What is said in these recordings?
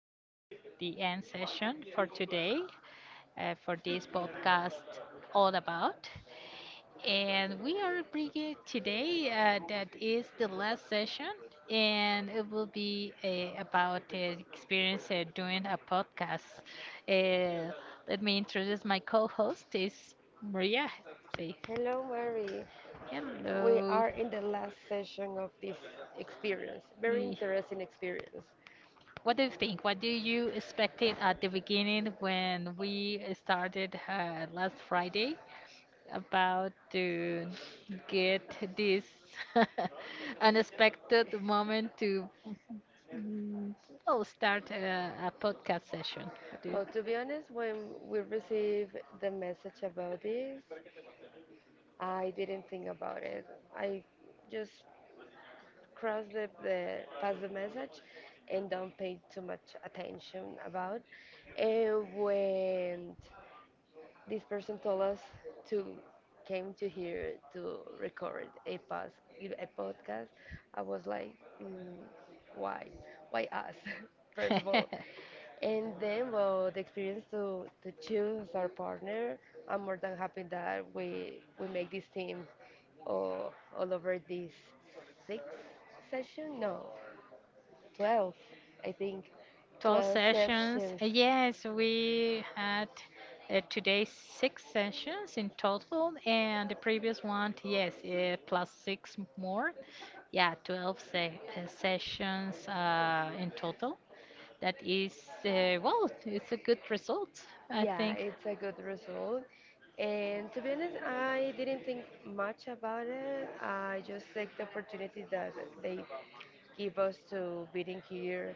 the end session for today for this podcast all about. And we are bringing today, that is the last session, and it will be about experience doing a podcast. Uh, Let me introduce my co-host is Maria. Say Hello, Mary. We hello. are in the last session of this experience. Very interesting experience. What do you think? What do you expected at the beginning when we started last Friday about to get this unexpected moment to mm, well, start a podcast session? What do Well, to be honest, when we received the message about this, I didn't think about it. I just crossed the past the message and don't pay too much attention about. And went this person told us to came to here to record a pos a podcast. I was like, mm, why, why us? First you? of all, and then well, the experience to choose our partner. I'm more than happy that we make this team all all over this six session. No, 12, I think, 12 12 sessions. sessions. Yes, we had today six sessions in total, and the previous one, yes, plus six more. Yeah, 12 se sessions in total. That is, well, it's a good result, I Yeah, think. it's a good result. And to be honest, I didn't think much about it. I just take the opportunity that they give us to being here,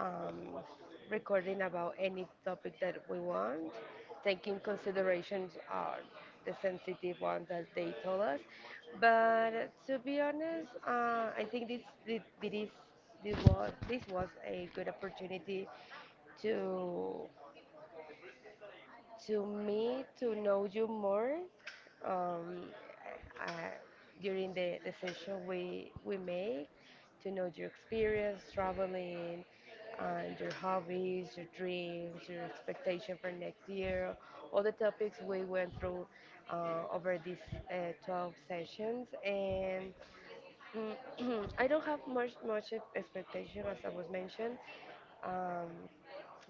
um, recording about any topic that we want, taking considerations are the sensitive ones that they told us. But to be honest, I think this was a good opportunity to to me to know you more. Um, I, during the session we make to know your experience traveling and your hobbies, your dreams, your expectation for next year, all the topics we went through over these 12 sessions. And I don't have much expectation as I was mentioned, um,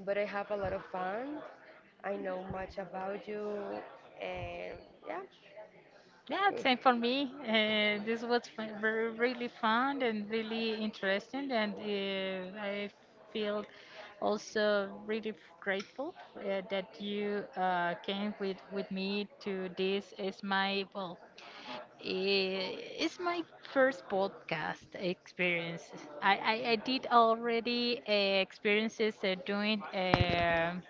but I have a lot of fun I know much about you, and yeah. Yeah, Eh, same for me. This was fun, very, really fun and really interesting, and I feel also really grateful that you came with me to this. Is my, well, it's my first podcast experience. I did already experiences doing.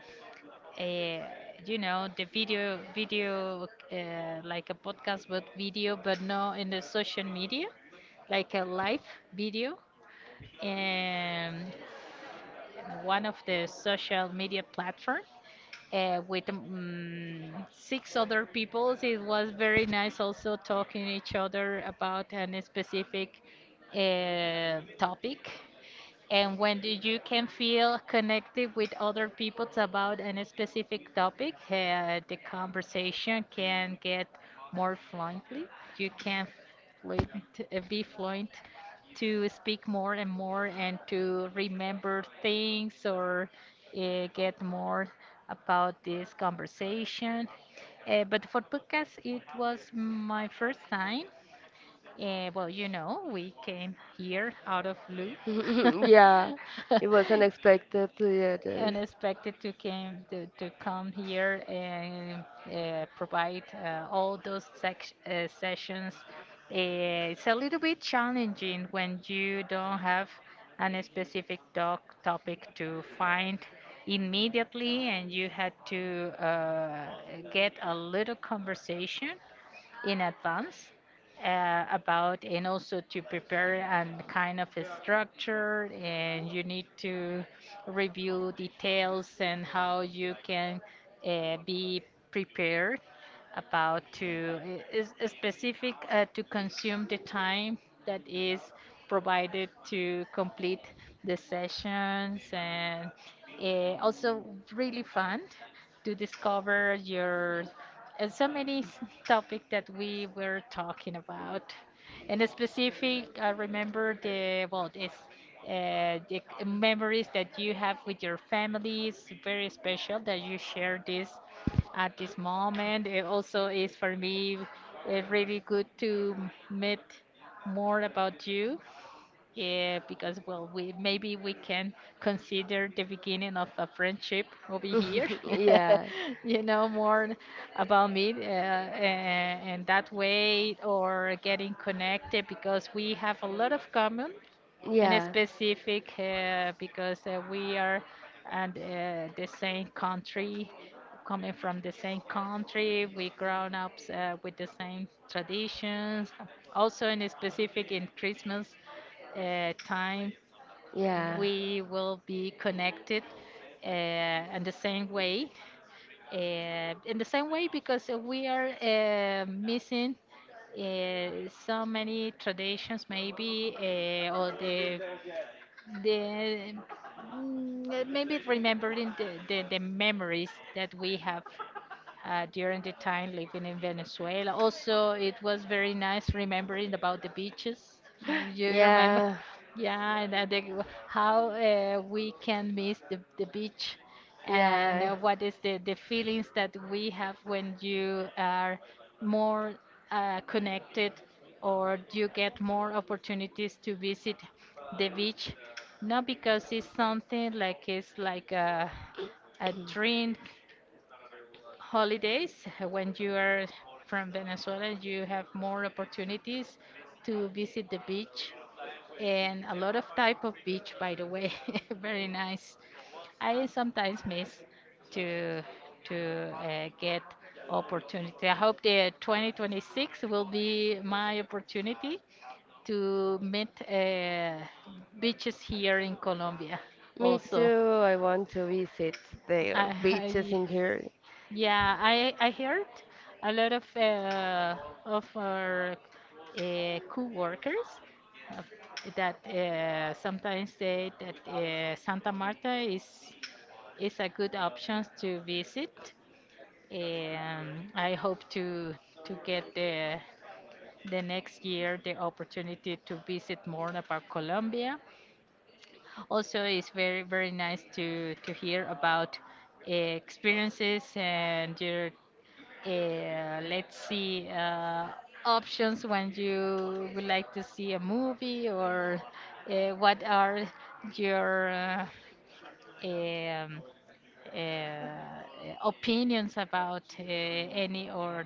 uh, you know the video, like a podcast but video but no in the social media, like a live video, and one of the social media platform, with six other people. It was very nice also talking each other about an specific topic, and when do you can feel connected with other people about a specific topic, the conversation can get more fluently. You can fluent, be fluent to speak more and more and to remember things, or get more about this conversation. But for podcast, it was my first time. Well, we came here out of blue. Yeah, it was unexpected. Yeah, this. Unexpected to came to come here and provide all those sessions. It's a little bit challenging when you don't have a specific doc topic to find immediately, and you had to get a little conversation in advance, about, and also to prepare and kind of a structure, and you need to review details and how you can be prepared about to is specific to consume the time that is provided to complete the sessions, and also really fun to discover your and so many topics that we were talking about. In specific, I remember the, well, this, the memories that you have with your families, very special that you share this at this moment. It also is for me really good to meet more about you, yeah, because, well, we, maybe we can consider the beginning of a friendship over here. Yeah, You know more about me, and that way, or getting connected because we have a lot of common in yeah, specific because we are and the same country, coming from the same country, we grown up with the same traditions, also in specific in Christmas time. yeah. We will be connected uh, in the same way, uh, because we are missing uh, so many traditions, maybe or the maybe remembering the memories that we have during the time living in Venezuela. Also, it was very nice remembering about the beaches. You remember? Yeah, Yeah, and how we can miss the beach, and yeah. What is the feelings that we have when you are more connected, or you get more opportunities to visit the beach. Not because it's something like it's like a dream holidays when you are from Venezuela, you have more opportunities to visit the beach, and a lot of type of beach, by the way, very nice. I sometimes miss to to get opportunity. I hope the 2026 will be my opportunity to meet beaches here in Colombia Me so also. too. I want to visit the beaches I in here. yeah, I heard a lot of, of our co-workers uh, that sometimes say that Santa Marta is a good option to visit. I hope to get the next year the opportunity to visit more about Colombia. Also, it's very, very nice to hear about experiences and your, let's see, options when you would like to see a movie, or what are your um, opinions about any, or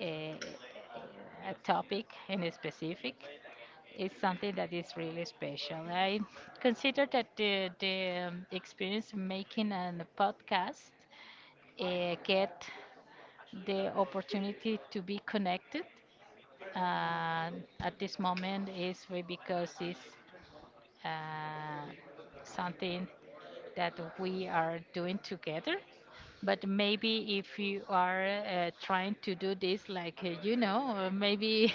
uh, a topic in specific is something that is really special. I consider that the experience of making a podcast get the opportunity to be connected uh, at this moment is because it's uh, something that we are doing together. But maybe if you are trying to do this, like, maybe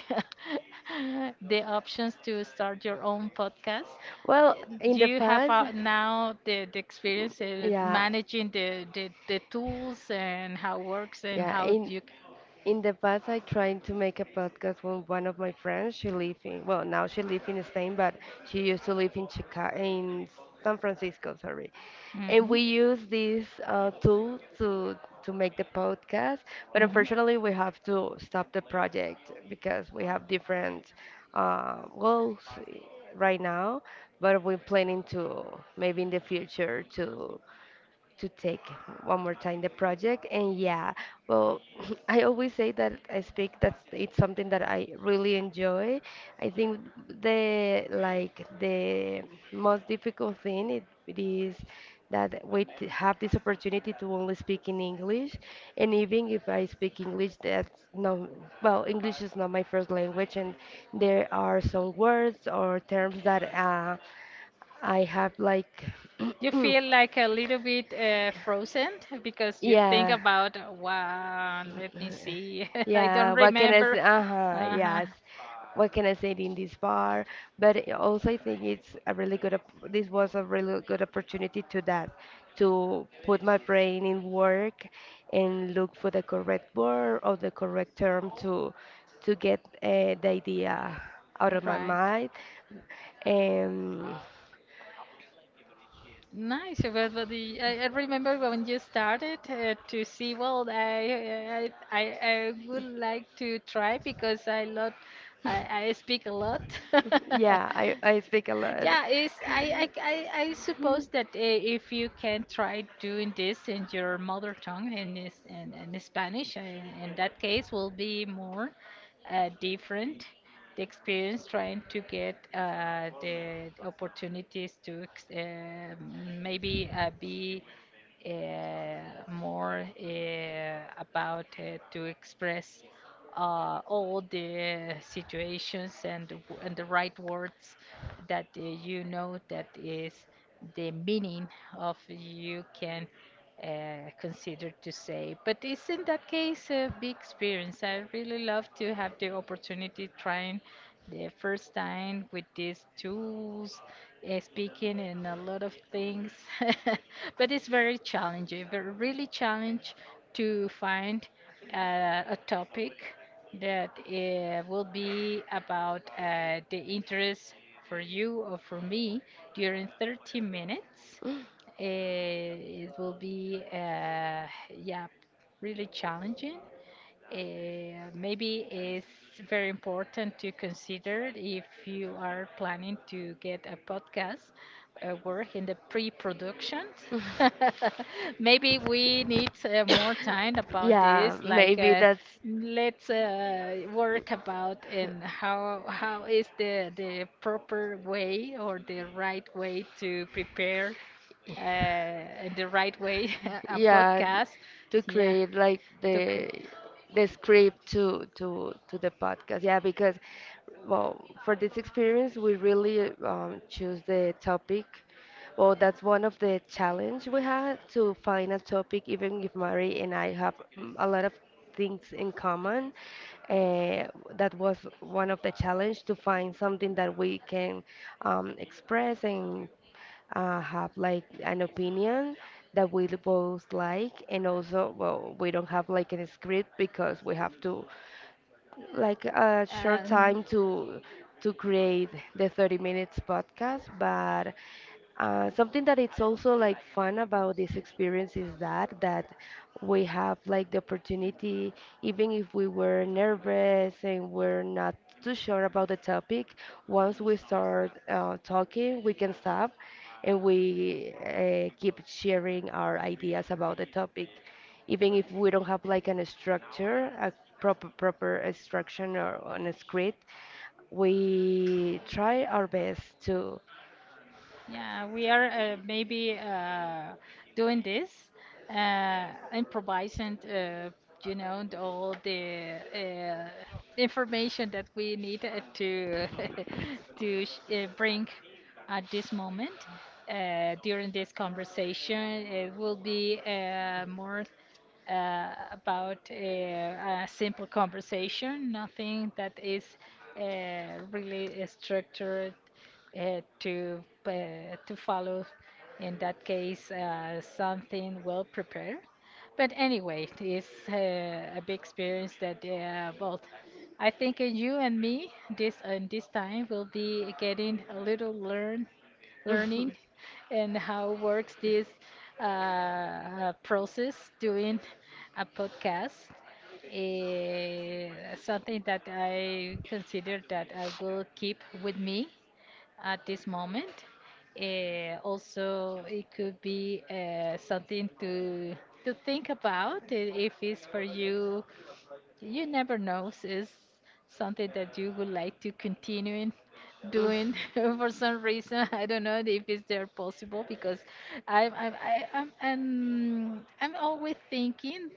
the options to start your own podcast. uh, Well, in the You have past, now the experience yeah. managing the tools and how works and Yeah, how in do you. in the past I tried to make a podcast with one of my friends. She lives in well now she lives in Spain, but she used to live in Chicago in San Francisco, sorry. And Mhm. we use this tool to make the podcast, but unfortunately we have to stop the project because we have different goals right now. But we're planning to maybe in the future to take one more time the project. And yeah, well, I always say that I speak that's it's something that I really enjoy. I think the like the most difficult thing it, it is that we have this opportunity to only speak in English, and even if I speak English, that's no well, English is not my first language, and there are some words or terms that I have like You feel like a little bit frozen because you think Yeah. about, wow, let me see, I don't Yeah, what can I say? remember. Uh-huh, Uh-huh. yes. What can I say in this bar? But I also, I think it's a really good. This was a really good opportunity to that, to put my brain in work and look for the correct word or the correct term to get the idea out of my Right. mind. And Nice, but, I remember when you started to see, well, I would like to try, because I lot, I speak a lot. yeah, I speak a lot. Yeah, it's, I suppose that if you can try doing this in your mother tongue, and in Spanish, in that case will be more different the experience trying to get the opportunities maybe be uh, more about to express all the situations and and the right words that you know that is the meaning of you can consider to say. But it's in that case a big experience. I really love to have the opportunity trying the first time with these tools, speaking and a lot of things. But it's very challenging, very really challenge to find a topic that will be about the interest for you or for me during 30 minutes. It will be, yeah, really challenging. Maybe it's very important to consider if you are planning to get a podcast work in the pre-production. Maybe we need more time about Yeah, this, like, maybe that's let's work about and how is the proper way, or the right way to prepare and the right way a yeah podcast. to Yeah, create like to create. The script to the podcast, yeah, because well for this experience we really choose the topic. Well, that's one of the challenge we had to find a topic even if Mary and I have a lot of things in common, uh, that was one of the challenge to find something that we can express and have like an opinion that we both like. And also well we don't have like a script because we have to like a short And time to create the 30 minutes podcast. But something that it's also like fun about this experience is that we have like the opportunity, even if we were nervous and we're not too sure about the topic, once we start talking, we can stop and we keep sharing our ideas about the topic, even if we don't have like an structure, a proper instruction or on a script. We try our best to. yeah, we are maybe doing this, improvising, and all the information that we need to bring at this moment. During this conversation, it will be more about a simple conversation, nothing that is really structured to follow in that case something well prepared. But anyway, it's a big experience that both, I think, in you and me, this and this time will be getting a little learning, and how works this process doing a podcast. eh, Something that I consider that I will keep with me at this moment. Also, it could be something to think about, if it's for you. You never know. Is something that you would like to continuing I doing for some reason. I don't know if it's there possible, because I'm I- I'm always thinking.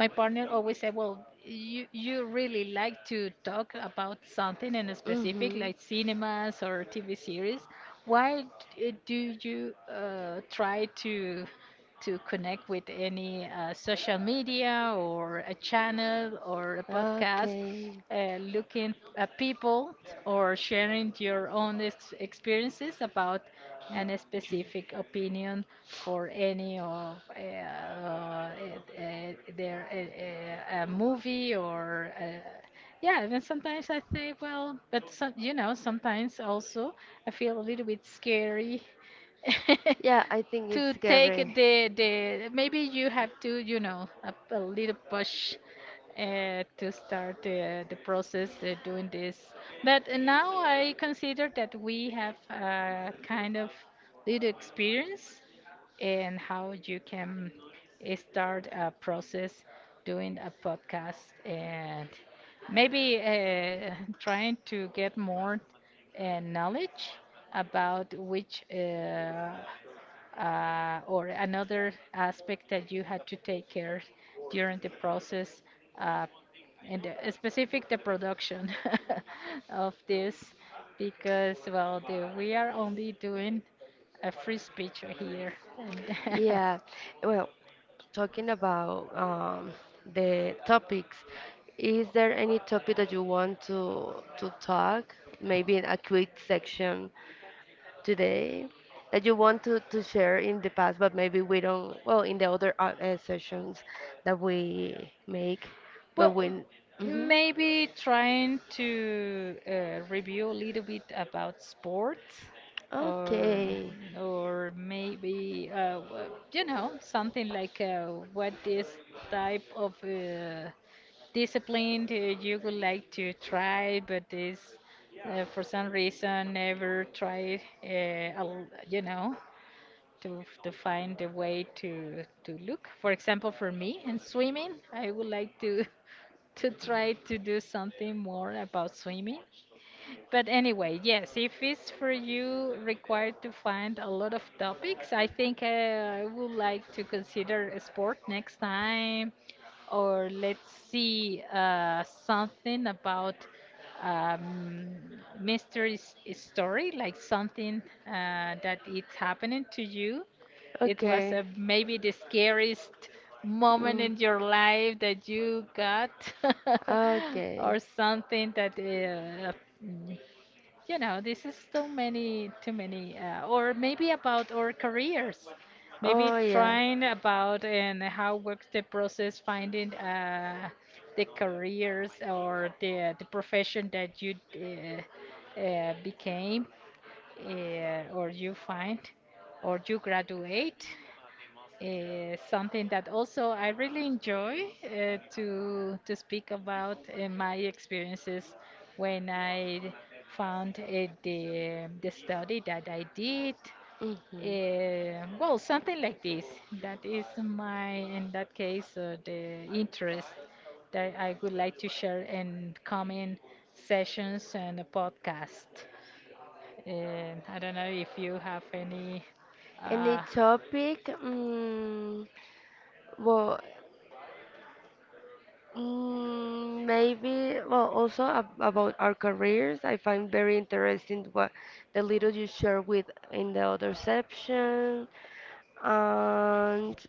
My partner always said, "Well, you really like to talk about something in a specific, Mhm. like cinemas or TV series. Why do you try to?" To connect with any social media or a channel or a podcast, Okay. Looking at people or sharing your own experiences about an specific opinion for any of their a movie, or yeah, even sometimes I say, well, you know, sometimes also I feel a little bit scary Yeah, I think to take Gabriel. the, maybe you have to, a little push, to start the process doing this. But now I consider that we have a kind of little experience, and how you can start a process doing a podcast, and maybe trying to get more knowledge about which or another aspect that you had to take care during the process, uh, and the, specific the production of this, because, well, the, we are only doing a free speech here and Yeah, well, talking about the topics, is there any topic that you want to talk? Maybe in a quick section today that you want to share in the past, but maybe we don't, well, in the other sessions that we make, but Well, when. Mhm. maybe trying to review a little bit about sports, or Okay, or maybe you know something like, what this type of discipline do you would like to try, but is for some reason never tried. You know, to to find a way to look. For example, for me in swimming, I would like to to try to do something more about swimming. But anyway, yes, if it's for you required to find a lot of topics, I think I would like to consider a sport next time, or let's see something about um, mystery story, like something that it's happening to you. It was okay. Maybe the scariest moment in your Mm. life that you got, Okay. or something that this is too many, too many, or maybe about our careers, maybe Oh yeah. trying about and how works the process finding the careers or the profession that you became or you find or you graduate something that also I really enjoy to speak about my experiences when I found the study that I did. Mhm. Well, something like this. That is my, in that case, the interest that I would like to share in coming sessions and a podcast. I don't know if you have any. Any Uh, topic? Well, maybe, well, also ab about our careers, I find very interesting what the little you share with in the other section. And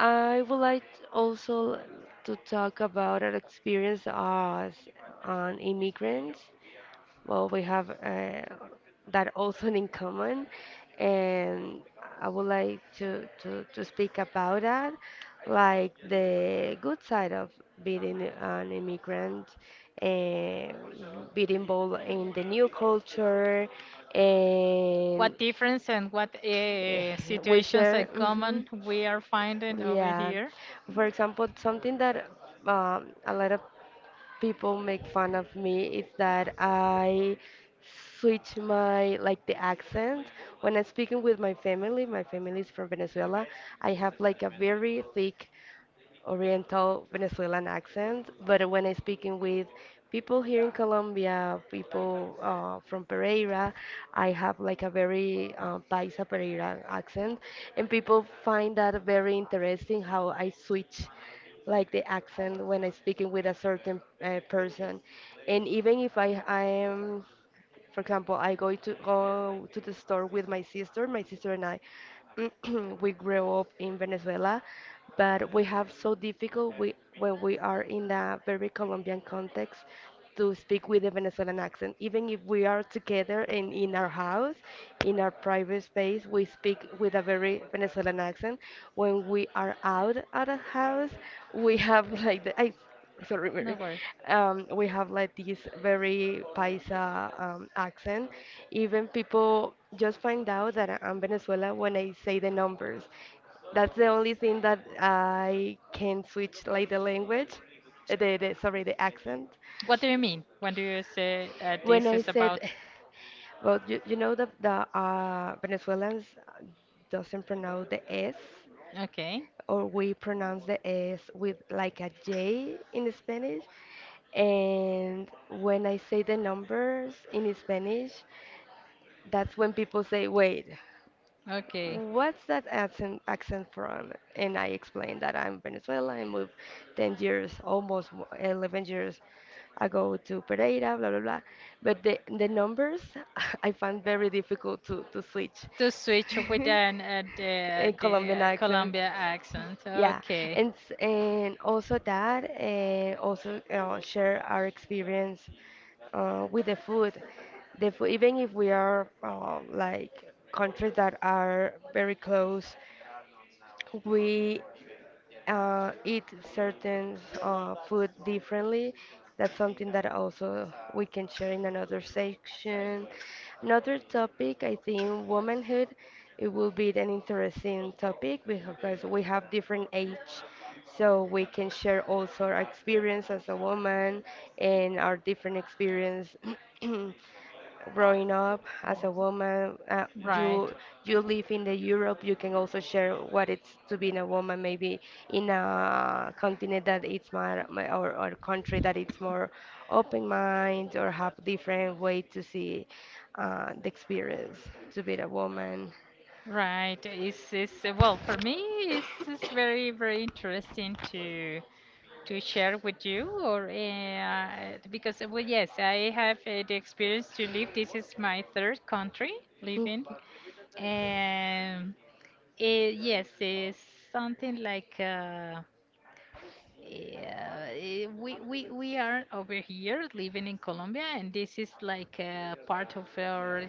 I would like also to talk about an experience as an immigrant. Well, we have that also in common, and I would like to speak about that, like the good side of being an immigrant, and being involved in the new culture, and What difference and what eh, we situations in share. common Mhm. we are finding over Yeah. here? For example, something that a lot of people make fun of me is that I switch my like the accent when I'm speaking with my family. My family is from Venezuela. I have like a very thick Oriental Venezuelan accent, but when I'm speaking with people here in Colombia, people from Pereira, I have like a very Paisa Pereira accent, and people find that very interesting how I switch like the accent when I'm speaking with a certain person, and even if I am for example, I go to go to the store with my sister. My sister and I, we grew up in Venezuela, but we have so difficult we, when we are in a very Colombian context to speak with a Venezuelan accent. Even if we are together and in our house, in our private space, we speak with a very Venezuelan accent. When we are out at a house, we have like the, I sorry, No Mary. worries. We have like this very paisa accent. Even people just find out that I'm Venezuela when I say the numbers. That's the only thing that I can switch like the language, the sorry, the accent. What do you mean when do you say when When this I I is say said, about? well, you know that the Venezuelans doesn't pronounce the S Okay, or we pronounce the S with like a J in Spanish. And when I say the numbers in Spanish, that's when people say, wait, okay. what's that accent from? And I explained that I'm Venezuela. I moved 10 years, almost 11 years ago to Pereira, blah blah blah. But the numbers I found very difficult to switch To switch with an the in the Colombian accent. Colombia accent. Yeah, Okay. and and also that, and also share our experience with the food. The food, even if we are like countries that are very close, we eat certain food differently. That's something that also we can share in another section. Another topic, I think, womanhood. It will be an interesting topic because we have different age, so we can share also our experience as a woman and our different experience growing up as a woman, Right, you you live in the europe you can also share what it's to be a woman maybe in a continent that it's more or country that it's more open mind or have different way to see the experience to be a woman. right. It's well for me. It's very very interesting to share with you, or because well yes, I have the experience to live. This is my third country living, and it, yes, it's something like. We are over here living in Colombia, and this is like part of our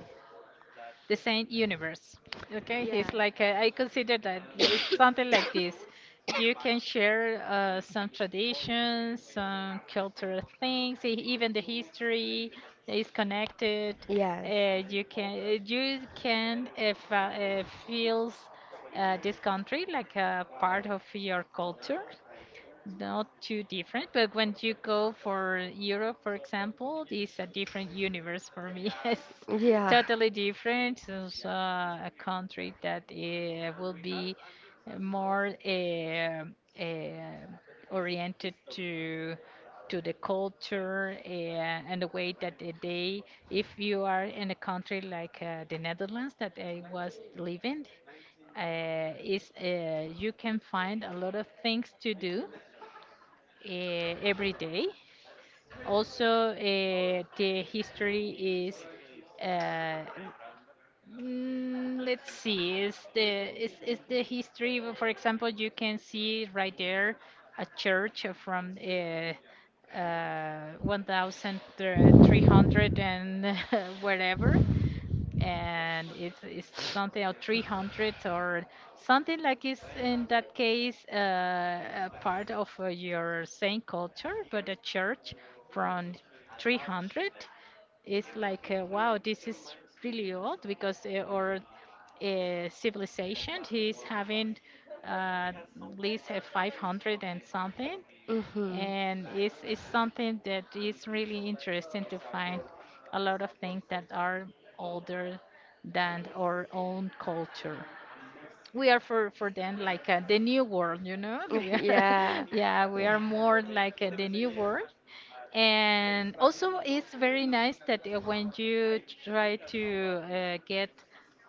the same universe. Okay, Mm. it's like I consider that it's something like this. You can share some traditions, some cultural things, even the history is connected. Yeah. You can fe- feels Yes. this country like a part of your culture not too different, but when you go for Europe, for example, it's a different universe for me. It's Yeah. totally different. It's a country that will be more oriented to the culture and the way that if you are in a country like the Netherlands that I was living, is you can find a lot of things to do every day. Also, the history is, uh, let's see, is the history. For example, you can see right there a church from 1,300 and whatever and it's, something of 300 or something like is in that case a part of your same culture but a church from 300 is like wow, this is really old because our civilization is having at least 500 and something Mm-hmm. and it's something that is really interesting to find a lot of things that are older than our own culture. We are for them like the new world, you know? We are, Yeah. yeah, we Yeah. are more like the new world and also, it's very nice that when you try to get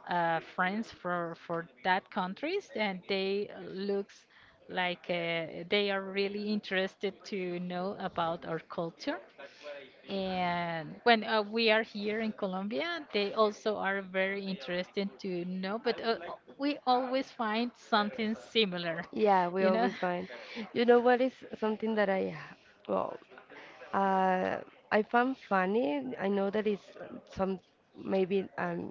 friends for that countries, and they looks like they are really interested to know about our culture. And when we are here in Colombia, they also are very interested to know. But we always find something similar, Yeah, we you know. always find. You know what is something that I, well, uh, I found funny. I know that it's some maybe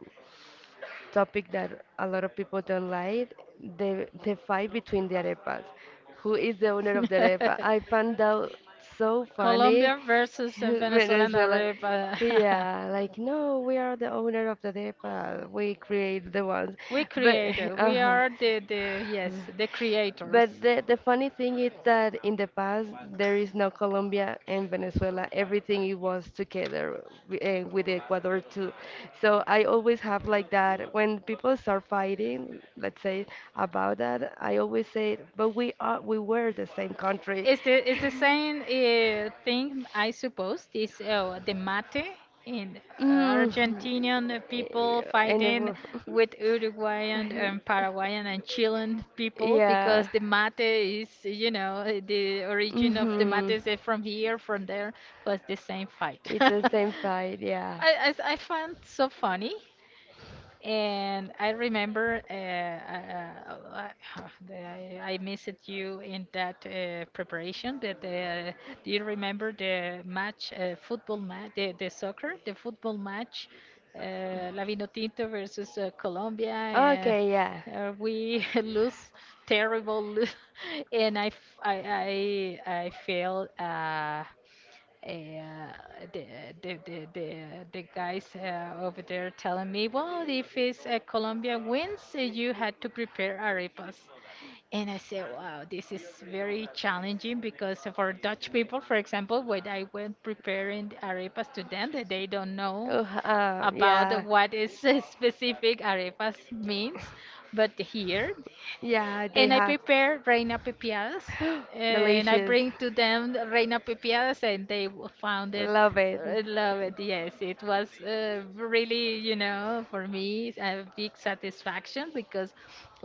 topic that a lot of people don't like the fight between the arepas. Who is the owner of the arepa? I found out so funny. Colombia versus Venezuelan Venezuela. Arab. Uh, Yeah, like no, we are the owner of the arepa. We create the ones, we but created. We uh-huh. are the yes, the creators. But the funny thing is that in the past there is no Colombia and Venezuela. Everything it was together with Ecuador too. So I always have like that when people start fighting, let's say about that, I always say, but we are we were the same country. It's the is the same thing? I suppose this the mate in Mm, Argentinian people and it fighting with Uruguayan and Paraguayan and Chilean people because yeah. the mate is you know eh, the origin of the mate Hmm. is eh, from here from there was the same fight. It's I the same fight, yeah. I, I find so funny and I remember I missed you in that preparation. That do you remember the match, football match, the soccer, the football match, uh, Tinto versus Colombia, and Okay, yeah. We lose terrible, lo- and I, f- I feel. Uh, the, the, the, the, the guys over there telling me, well, if it's Colombia wins, you had to prepare arepas. And I said, wow, this is very challenging because for Dutch people, for example, when I went preparing the arepas to them, that they don't know Ugh, about yeah. what is a specific arepas means. But here, Yeah, they and I have. prepare reina pepiadas, and I Delicious. bring to them the reina pepiadas, and they w- found it. Love it. Uh, love it. Yes, it was really, you know, for me a big satisfaction because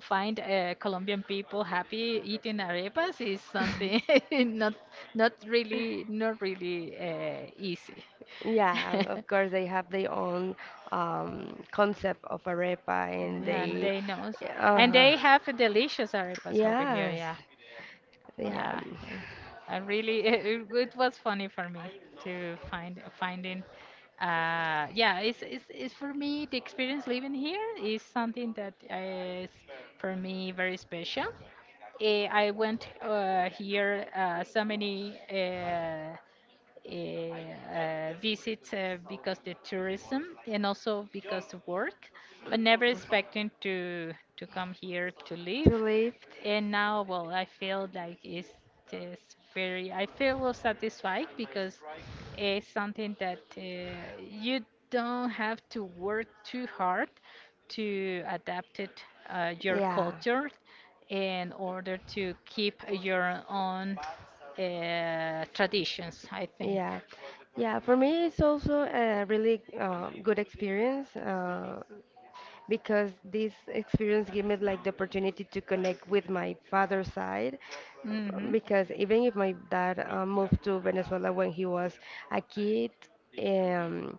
find Colombian people happy eating arepas is something not really easy. Yeah, of course they have their own concept of arepa and Yeah, and they they knows, and uh-huh. they have a delicious arepas over here. Yes. Yeah, Yeah. yeah. It, I really, it, it was funny for me to find finding. Yeah, it's, it's for me the experience living here is something that is for me very special. Eh, I went here so many. Visits because the tourism and also because of work, but never expecting to come here to live. To live. And now, well, I feel like it's this very. I feel well satisfied because it's something that you don't have to work too hard to adapt it, your Yeah. culture in order to keep your own traditions, I think. Yeah, yeah. For me, it's also a really good experience. Because this experience gave me like the opportunity to connect with my father's side Hmm, because even if my dad moved to Venezuela when he was a kid, um,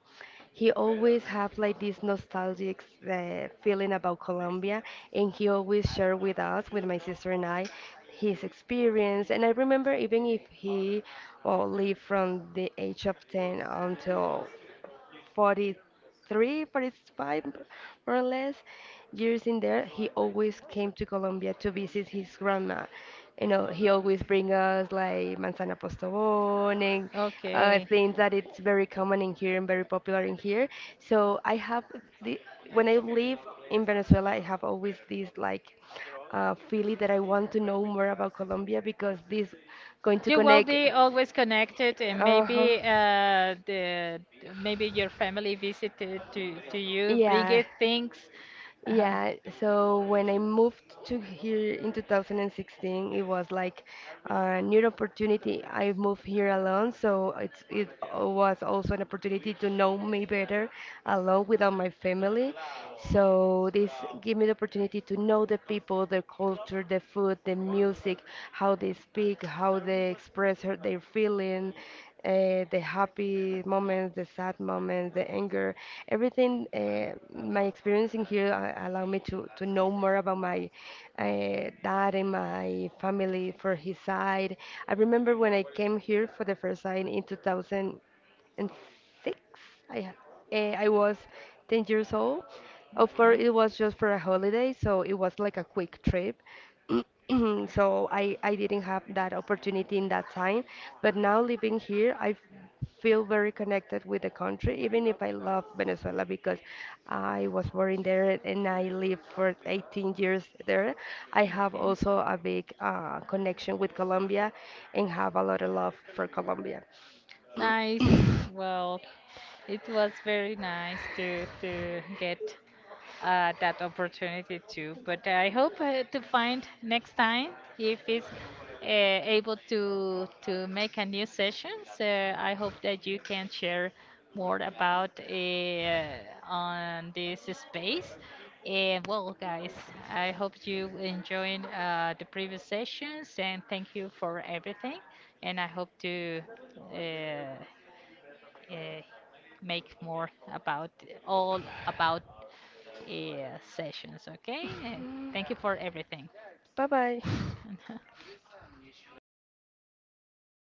he always have like this nostalgic feeling about Colombia, and he always shared with us, with my sister and I, his experience. And I remember even if he lived from the age of 10 until 43 45, more or less, years in there, he always came to Colombia to visit his grandma. You know, he always bring us like manzana postobón and okay. things that it's very common in here and very popular in here. So I have the when I live in Venezuela, I have always this like feeling that I want to know more about Colombia because this going to Will country connect. be always connected, and Uh huh. maybe the maybe your family visited to you, Yeah. bringing things. Uh, Yeah, so when I moved to here in 2016, it was like a new opportunity. I moved here alone, so it's it was also an opportunity to know me better alone without my family. So this gave me the opportunity to know the people, the culture, the food, the music, how they speak, how they express her, their feeling, the happy moments, the sad moments, the anger, everything. My experience in here allowed me to know more about my dad and my family for his side. I remember when I came here for the first time in 2006. I I was 10 years old. Of course, it was just for a holiday, so it was like a quick trip. So I didn't have that opportunity in that time. But now living here, I feel very connected with the country, even if I love Venezuela because I was born there and I lived for 18 years there. I have also a big connection with Colombia and have a lot of love for for Colombia. Colombia. Nice. Well, it was very nice to get that opportunity too. But I hope to find next time if it's able to make a new session. So I hope that you can share more about on this space. And well, guys, I hope you enjoyed the previous sessions and thank you for everything. And I hope to uh, uh, make more about all about yeah, sessions, okay? And thank you for everything. Bye bye.